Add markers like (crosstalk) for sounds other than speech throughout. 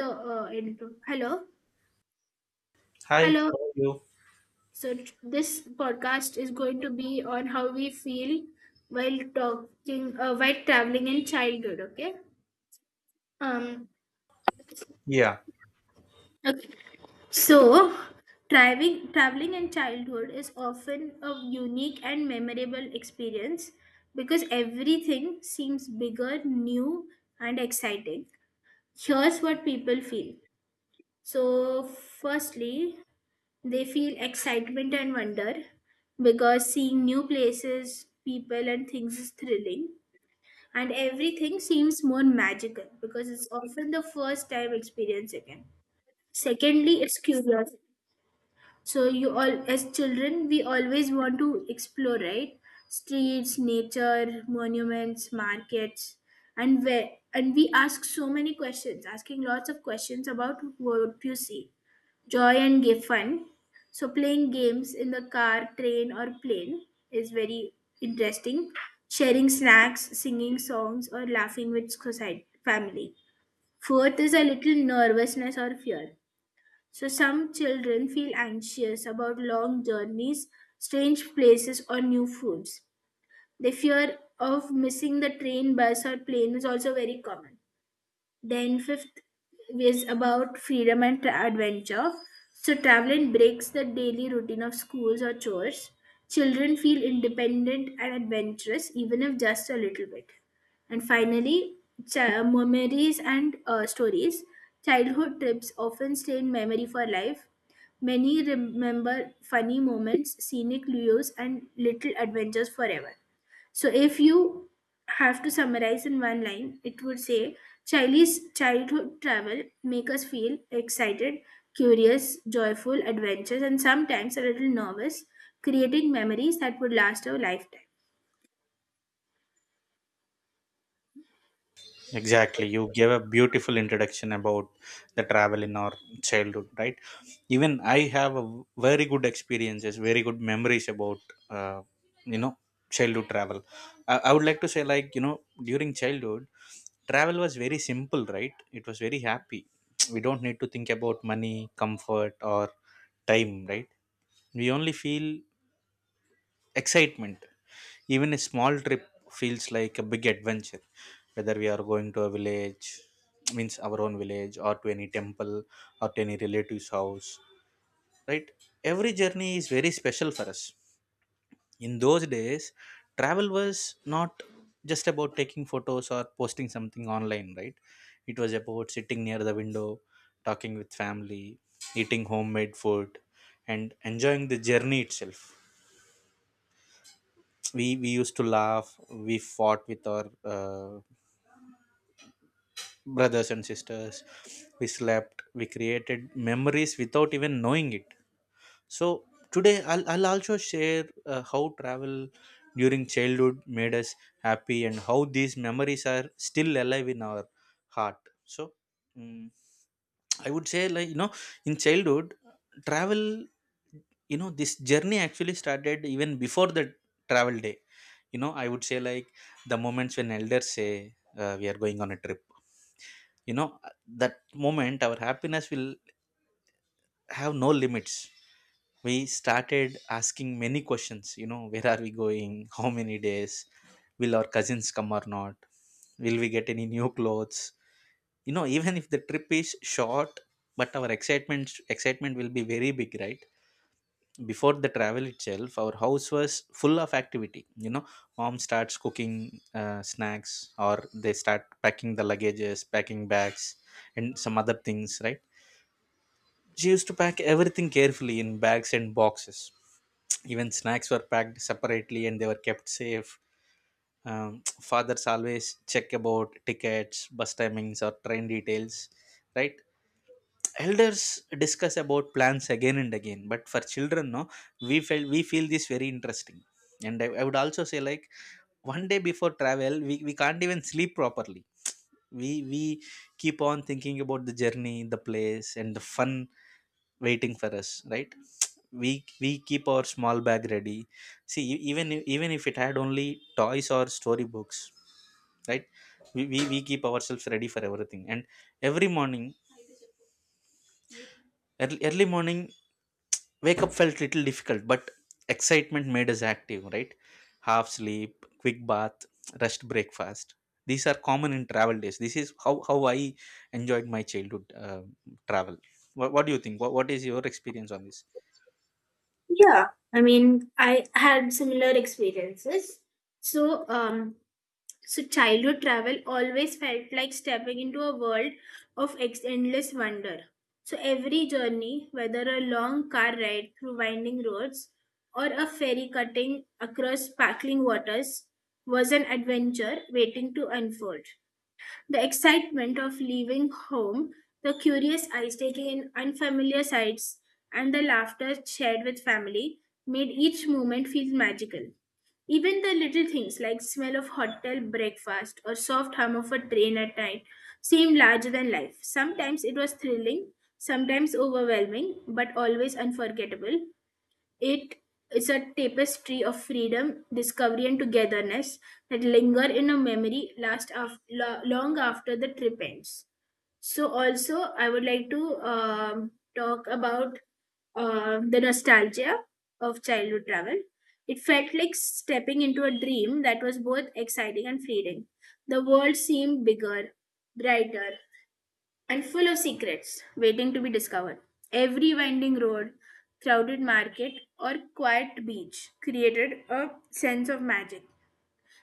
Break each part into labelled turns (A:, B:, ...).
A: The intro. Hello,
B: Hi,
A: hello.
B: how are you?
A: So this podcast is going to be on how we feel while talking, while traveling in childhood. Okay. Um.
B: Yeah,
A: Okay. So, traveling in childhood is often a unique and memorable experience because everything seems bigger, new, and exciting. Here's what people feel. So, firstly, they feel excitement and wonder because seeing new places, people, and things is thrilling. And everything seems more magical because it's often the first time experience again. Secondly, it's curiosity. So you all as children we always want to explore, right? Streets, nature, monuments, markets, and where and we ask so many questions, asking lots of questions about what you see joy and give fun. So playing games in the car, train, or plane is very interesting. Sharing snacks, singing songs, or laughing with society family. Fourth is a little nervousness or fear. So some children feel anxious about long journeys, strange places, or new foods. The fear of missing the train, bus, or plane is also very common. Then fifth is about freedom and adventure. So traveling breaks the daily routine of schools or chores. Children feel independent and adventurous, even if just a little bit. And finally, memories and stories. Childhood trips often stay in memory for life. Many remember funny moments, scenic views, and little adventures forever. So if you have to summarize in one line, it would say Chinese childhood travel make us feel excited, curious, joyful, adventurous, and sometimes a little nervous, creating memories that would last our lifetime.
B: exactly. You gave a beautiful introduction about the travel in our childhood, right? Even I have a very good experiences, very good memories about, uh, you know, childhood travel. I would like to say, during childhood, travel was very simple, right? It was very happy. (tsk) We don't need to think about money, comfort, or time, right? We only feel excitement. Even a small trip feels like a big adventure, whether we are going to a village, means our own village, or to any temple, or to any relative's house, right? Every journey is very special for us. In those days, travel was not just about taking photos or posting something online, right? It was about sitting near the window, talking with family, eating homemade food, and enjoying the journey itself. We used to laugh, we fought with our brothers and sisters, we slept, we created memories without even knowing it. So today I'll also share how travel during childhood made us happy and how these memories are still alive in our heart so mm, i would say, like, you know, in childhood travel, you know, this journey actually started even before the travel day. You know, I would say, like, the moments when elders say, we are going on a trip, you know, that moment our happiness will have no limits. We started asking many questions, you know, where are we going, how many days, will our cousins come or not, will we get any new clothes? You know, even if the trip is short, but our excitement will be very big, right? Before the travel itself, our house was full of activity. You know, mom starts cooking snacks, or they start packing the luggages, packing bags, and some other things, right? She used to pack everything carefully in bags and boxes. Even snacks were packed separately and they were kept safe. (tsk) Fathers always check about tickets, bus timings, or train details, right? Elders discuss about plans again and again, but for children, no, we felt, we feel this very interesting. And I would also say like one day before travel, we can't even sleep properly. We keep on thinking about the journey, the place, and the fun waiting for us, right. We keep our small bag ready, see even if it had only toys or storybooks, right? We keep ourselves ready for everything. And every morning, early morning, wake up felt little difficult, but excitement made us active, right? Half sleep, quick bath, rest, breakfast, these are common in travel days. This is how I enjoyed my childhood travel. What do you think, what is your experience on this?
A: Yeah, I had similar experiences. So, childhood travel always felt like stepping into a world of endless wonder. So, every journey, whether a long car ride through winding roads or a ferry cutting across sparkling waters, was an adventure waiting to unfold. The excitement of leaving home, the curious eyes taking in unfamiliar sights, and the laughter shared with family made each moment feel magical. Even the little things like smell of hotel breakfast or soft hum of a train at night seemed larger than life. Sometimes it was thrilling, sometimes overwhelming, but always unforgettable. It is a tapestry of freedom, discovery, and togetherness that linger in a memory last long after the trip ends. So, also, I would like to talk about the nostalgia of childhood travel. It felt like stepping into a dream that was both exciting and fleeting. The world seemed bigger, brighter, and full of secrets waiting to be discovered. Every winding road, crowded market, or quiet beach created a sense of magic.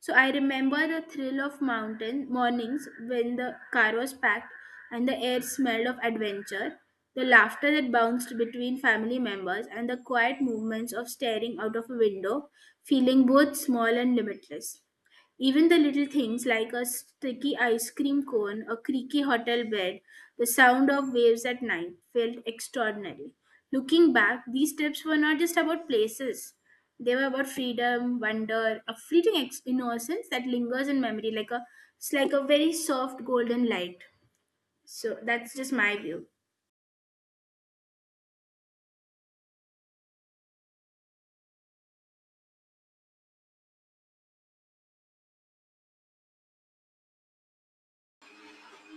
A: So I remember the thrill of mountain mornings when the car was packed and the air smelled of adventure, the laughter that bounced between family members, and the quiet movements of staring out of a window, feeling both small and limitless. Even the little things like a sticky ice cream cone, a creaky hotel bed, the sound of waves at night felt extraordinary. Looking back, these trips were not just about places. They were about freedom, wonder, a fleeting innocence that lingers in memory like a it's like a very soft golden light. So that's just my view.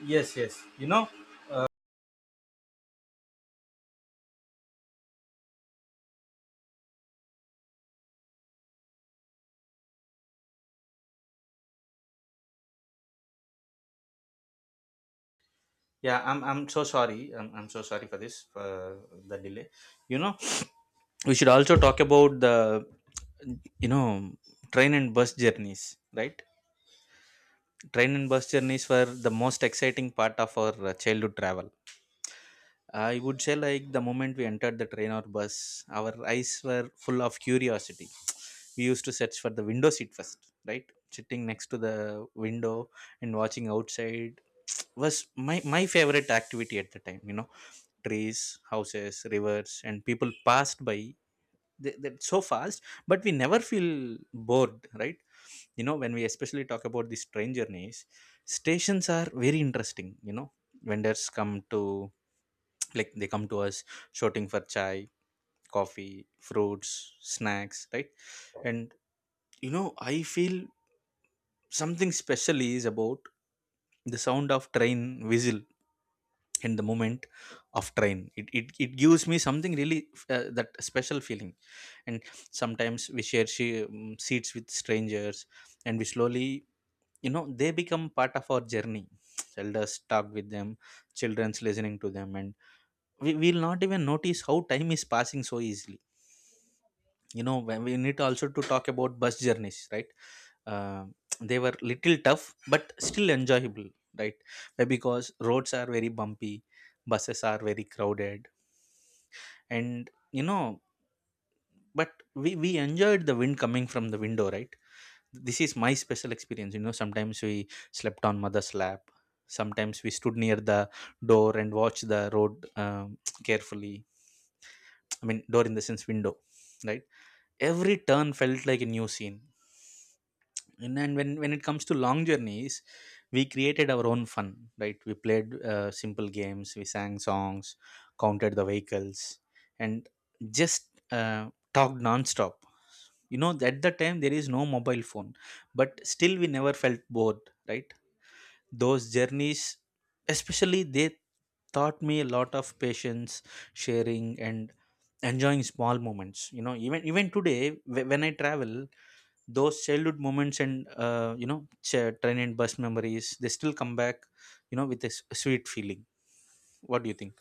B: Yes, yes, you know, yeah, I'm so sorry, I'm so sorry for this for the delay. You know, we should also talk about the, you know, train and bus journeys, right? Train and bus journeys were the most exciting part of our childhood travel. I would say, like, the moment we entered the train or bus, our eyes were full of curiosity. We used to search for the window seat first, right? Sitting next to the window and watching outside was my favorite activity at the time. You know, trees, houses, rivers, and people passed by, they so fast, but we never feel bored, right? You know, when we especially talk about these train journeys, stations are very interesting. You know, vendors come to, like, they come to us shouting for chai, coffee, fruits, snacks, right? And, you know, I feel something special is about the sound of train whistle and the moment of train, it gives me something really that special feeling. And sometimes we share seats with strangers, and we slowly, you know, they become part of our journey. Elders talk with them, children's listening to them, and we will not even notice how time is passing so easily. You know, when we need also to talk about bus journeys, right? uh, they were little tough but still enjoyable, right? Why? Because roads are very bumpy, buses are very crowded, and, you know, but we enjoyed the wind coming from the window, right? This is my special experience. You know, sometimes we slept on mother's lap, sometimes we stood near the door and watched the road (tsk) carefully. I mean door in the sense window, right? Every turn felt like a new scene. And then when it comes to long journeys, we created our own fun, right? We played simple games, we sang songs, counted the vehicles, and just talked non-stop. You know, at the time there is no mobile phone, but still we never felt bored, right? Those journeys especially, they taught me a lot of patience, sharing, and enjoying small moments. You know, even even today, when I travel, those childhood moments and, uh, you know, train and bus memories, they still come back, you know, with a sweet feeling. What do you think?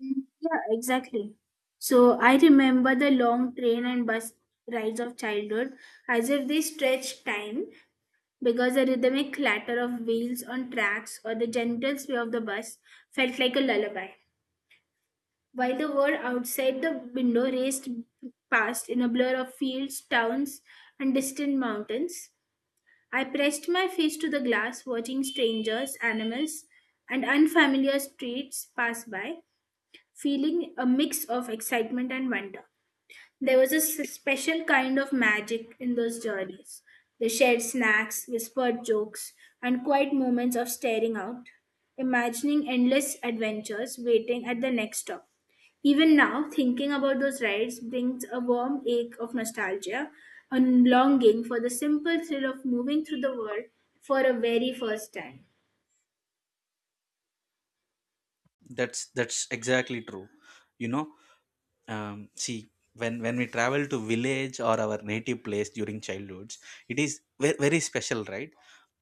A: Mm. Yeah, exactly. So I remember the long train and bus rides of childhood as if they stretched time because the rhythmic clatter of wheels on tracks or the gentle sway of the bus felt like a lullaby, while the world outside the window raced past in a blur of fields, towns, and distant mountains. I pressed my face to the glass, watching strangers, animals, and unfamiliar streets pass by, feeling a mix of excitement and wonder. There was a special kind of magic in those journeys. They shared snacks, whispered jokes, and quiet moments of staring out, imagining endless adventures waiting at the next stop. Even now, thinking about those rides brings a warm ache of nostalgia and longing for the simple thrill of moving through the world for a very first time.
B: That's exactly true. You know, see, when we travel to village or our native place during childhoods, it is very special, right?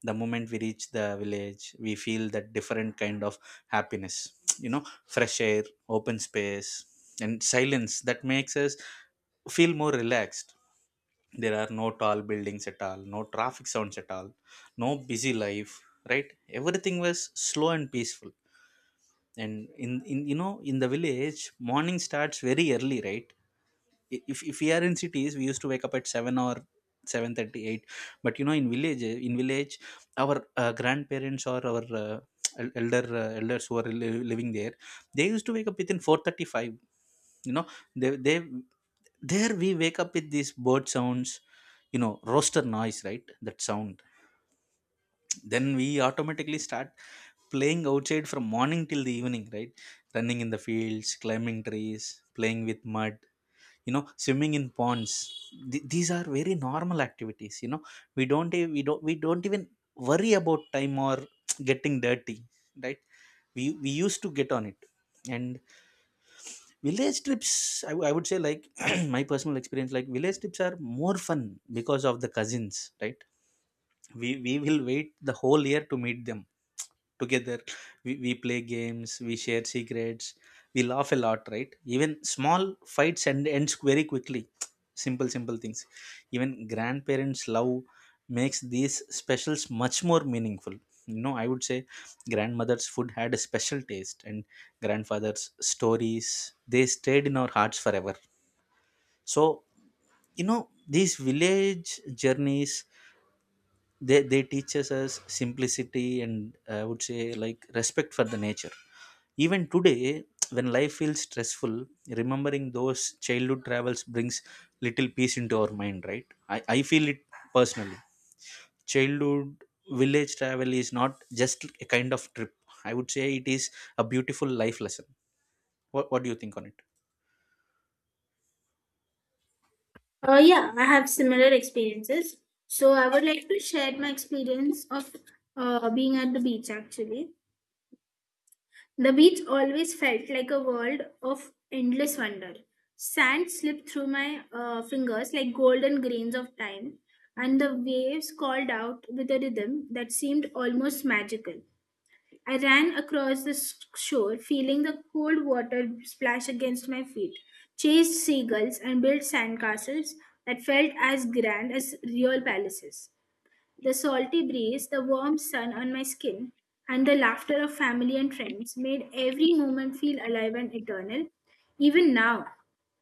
B: The moment we reach the village we feel that different kind of happiness. (tsk) You know, fresh air, open space, and silence that makes us feel more relaxed. There are no tall buildings at all, no traffic sounds at all, no busy life, right? Everything was slow and peaceful. And in, you know, in the village morning starts very early, right? If we are in cities we used to wake up at 7 or 7:38, but you know, in village, in village, our grandparents or our, uh, elders who are living there, they used to wake up within 4:35. You know, they, there we wake up with these bird sounds, you know, rooster noise, right? That sound, then we automatically start playing outside from morning till the evening, right? Running in the fields, climbing trees, playing with mud, you know, swimming in ponds. These are very normal activities. You know, we don't e- we don't even worry about time or (tsk) getting dirty, right? We used to get on it. And village trips, I would say, like, (clears throat) my personal experience, like village trips are more fun because of the cousins, right? We will wait the whole year to meet them together. We play games, we share secrets, we laugh a lot, right? Even small fights ends very quickly. Simple things, even grandparents love, makes these specials much more meaningful. You know, I would say grandmother's food had a special taste, and grandfather's stories, they stayed in our hearts forever. So you know, these village journeys, they teaches us simplicity, and I would say, like, respect for the nature. Even today, when life feels stressful, remembering those childhood travels brings little peace into our mind, right? I feel it personally. Childhood village travel is not just a kind of trip. I would say it is a beautiful life lesson. What do you think on it?
A: Yeah, I have similar experiences. So I would like to share my experience of being at the beach actually. The beach always felt like a world of endless wonder. Sand slipped through my fingers like golden grains of time, and the waves called out with a rhythm that seemed almost magical. I ran across the shore, feeling the cold water splash against my feet, chased seagulls, and built sandcastles that felt as grand as real palaces. The salty breeze, the warm sun on my skin, and the laughter of family and friends made every moment feel alive and eternal. Even now,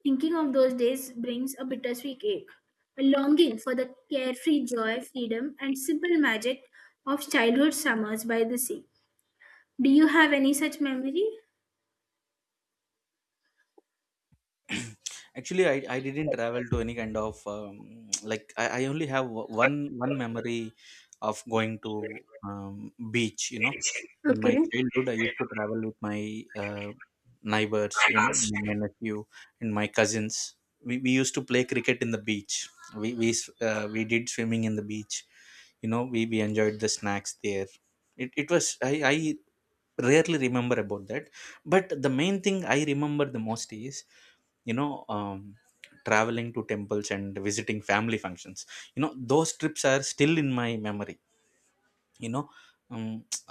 A: thinking of those days brings a bittersweet ache, a longing for the carefree joy, freedom, and simple magic of childhood summers by the sea. Do you have any such memory?
B: (clears throat) Actually I didn't travel to any kind of um, I only have one memory of going to um, beach, you know. In my
A: Okay.
B: childhood I used to travel with my uh, neighbors, you know, my nephew and my cousins. We used to play cricket in the beach, we we did swimming in the beach, you know. We enjoyed the snacks there. It was, I rarely remember about that, but the main thing I remember the most is, you know, traveling to temples and visiting family functions. You know, those trips are still in my memory. You know, um,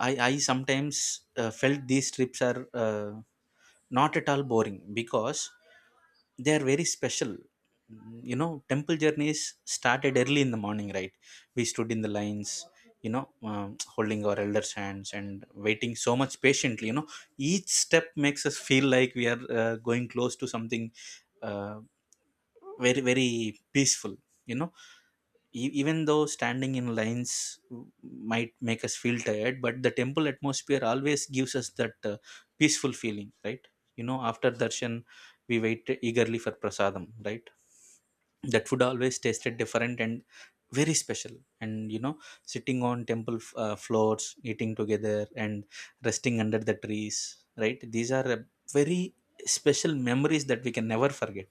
B: I sometimes felt these trips are, not at all boring because they are very special. Mm, you know, temple journeys started early in the morning, right? We stood in the lines, you know, um, holding our elders hands and waiting so much patiently, you know. Each step makes us feel like we are going close to something, uh, very very peaceful, you know. Even though standing in lines might make us feel tired, but the temple atmosphere always gives us that peaceful feeling, right? You know, after darshan we wait eagerly for prasadam, right? That food always tasted different and very special. And you know, sitting on temple floors eating together, and resting under the trees, right, these are very special memories that we can never forget.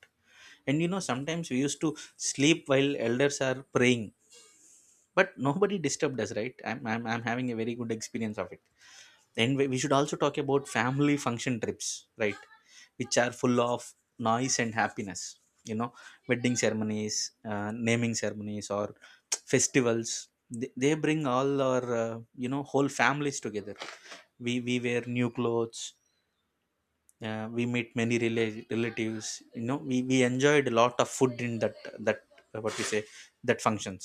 B: And you know, sometimes we used to sleep while elders are praying, but nobody disturbed us, right? I'm having a very good experience of it. Then we should also talk about family function trips, right? Which are full of noise and happiness. You know, wedding ceremonies, naming ceremonies or (tsk) festivals, they bring all our whole families together. We wear new clothes. We meet many relatives. You know, we enjoyed a lot of food in that what we say that functions.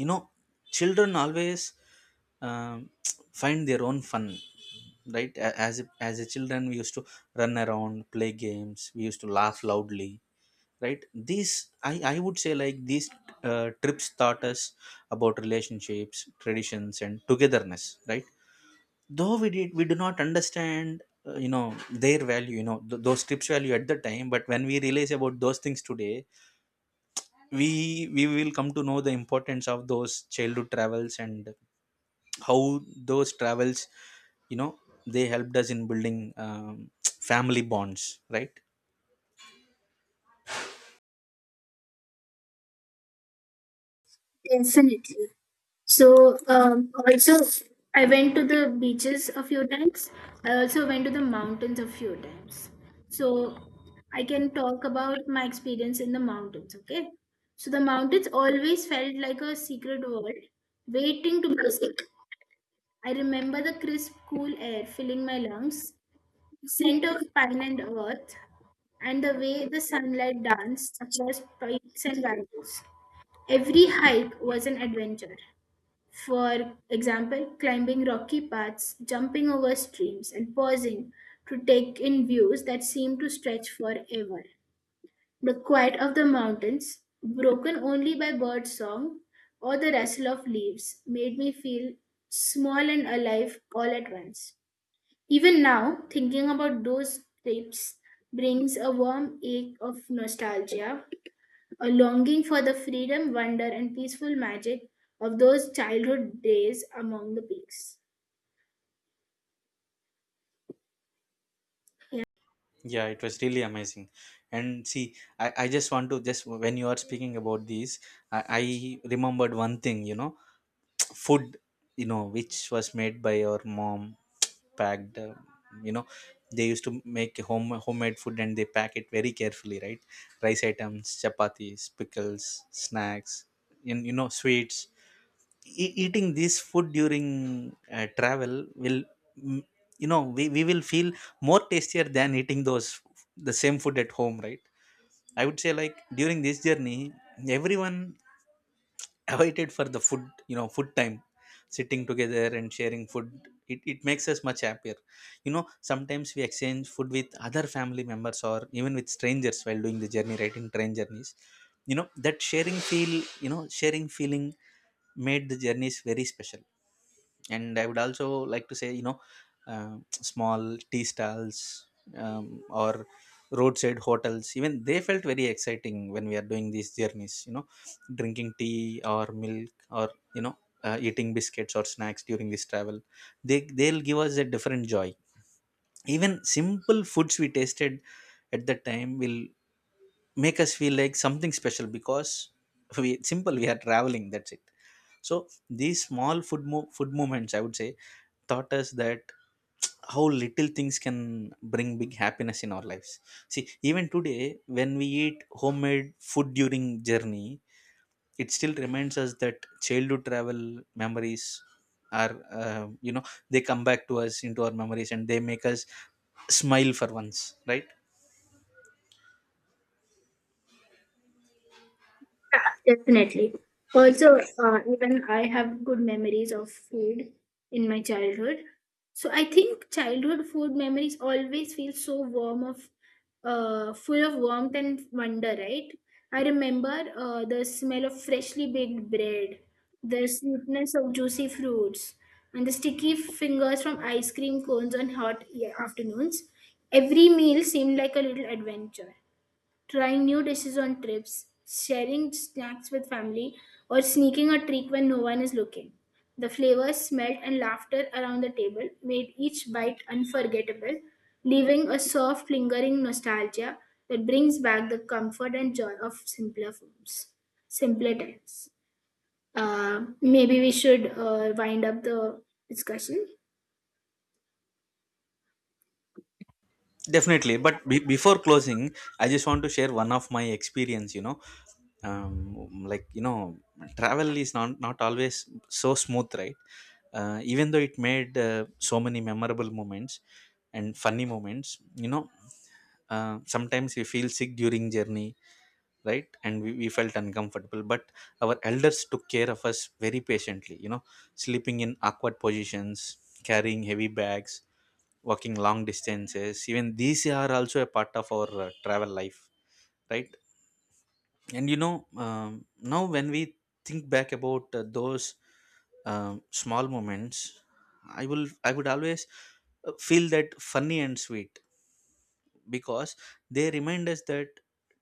B: You know, children always um, (tsk) find their own fun, right? A- as a, as a children we used to run around, play games, we used to laugh loudly, right? These, I would say, like these trips taught us about relationships, traditions and togetherness, right? Though we do not understand their value, you know, those trips value at the time, but when we realize about those things today, we will come to know the importance of those childhood travels, and how those travels, you know, they helped us in building (tsk) family bonds, right?
A: Definitely. So also, I went to the beaches a few times. I also went to the mountains a few times. So I can talk about my experience in the mountains. Okay. So the mountains always felt like a secret world, waiting to be explored. I remember the crisp, cool air filling my lungs, scent of pine and earth, and the way the sunlight danced across peaks and valleys. Every hike was an adventure, for example, climbing rocky paths, jumping over streams, and pausing to take in views that seem to stretch forever. The quiet of the mountains, broken only by bird song or the rustle of leaves, made me feel small and alive all at once. Even now, thinking about those trips brings a warm ache of nostalgia, a longing for the freedom, wonder, and peaceful magic of those childhood days among the peaks.
B: Yeah, it was really amazing. And see, I just want to just when you are speaking about these, I remembered one thing. You know, (tsk) food, you know, which was made by our mom, (tsk) packed, you know they used to make homemade food and they pack it very carefully, right? Rice items, chapatis, pickles, snacks, and you know, sweets. Eating this food during travel will, mm, you know, we will feel more tastier than eating those the same food at home, right? I would say like during this journey, everyone (laughs) awaited for the food, you know, food time. Sitting together and sharing food, it makes us much happier. You know, sometimes we exchange food with other family members or even with strangers while doing the journey, right? In train journeys, you know, that sharing feel, you know, sharing feeling made the journeys very special. And I would also like to say, you know, um, small tea stalls, or roadside hotels, even they felt very exciting when we are doing these journeys, you know, drinking tea or milk, or you know, eating biscuits or snacks during this travel, they'll give us a different joy. Even simple foods we tasted at that time will make us feel like something special, because we are traveling, that's it. So these small food movements, I would say, taught us that how little things can bring big happiness in our lives. See, even today when we eat homemade food during journey, it still reminds us that childhood travel memories are they come back to us into our memories and they make us smile for once, right?
A: Yeah, definitely. Also, even I have good memories of food in my childhood. So I think childhood food memories always feel so warm of, full of warmth and wonder, right? I remember the smell of freshly baked bread, the sweetness of juicy fruits, and the sticky fingers from ice cream cones on hot, yeah, afternoons. Every meal seemed like a little adventure. Trying new dishes on trips, sharing snacks with family, or sneaking a treat when no one is looking. The flavors, smell, and laughter around the table made each bite unforgettable, leaving a soft, lingering nostalgia that brings back the comfort and joy of simpler foods, simpler times. Maybe we should wind up the discussion.
B: Definitely, but before closing, I just want to share one of my experience. You know, um, like you know, travel is not always so smooth, right? Even though it made so many memorable moments and funny moments, you know, sometimes we feel sick during journey, right? And we felt uncomfortable, but our elders took care of us very patiently. You know, sleeping in awkward positions, carrying heavy bags, walking long distances, even these are also a part of our travel life, right? And you know, now when we think back about those small moments, I would always feel that funny and sweet, because they remind us that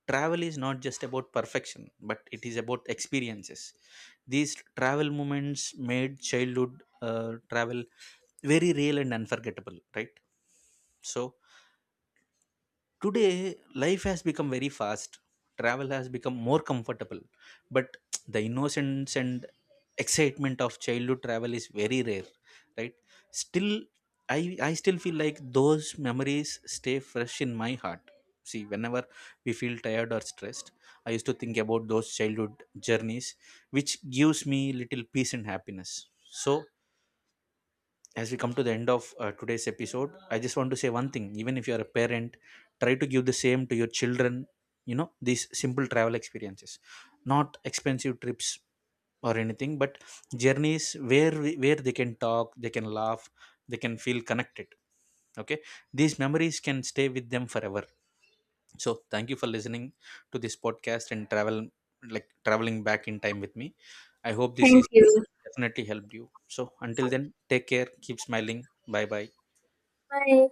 B: travel is not just about perfection, but it is about experiences. These travel moments made childhood travel very real and unforgettable, right? So today, life has become very fast. Travel has become more comfortable, but the innocence and excitement of childhood travel is very rare, right? Still, I still feel like those memories stay fresh in my heart. See, whenever we feel tired or stressed, I used to think about those childhood journeys, which gives me little peace and happiness. So, as we come to the end of today's episode, I just want to say one thing: even if you are a parent, try to give the same to your children. You know, these simple travel experiences, not expensive trips or anything, but journeys where where they can talk, they can laugh, they can feel connected, okay? These memories can stay with them forever. So thank you for listening to this podcast, and travel like traveling back in time with me. I hope this
A: Thank
B: is
A: you.
B: definitely helped you. So until then, take care, keep smiling. Bye bye.
A: Bye.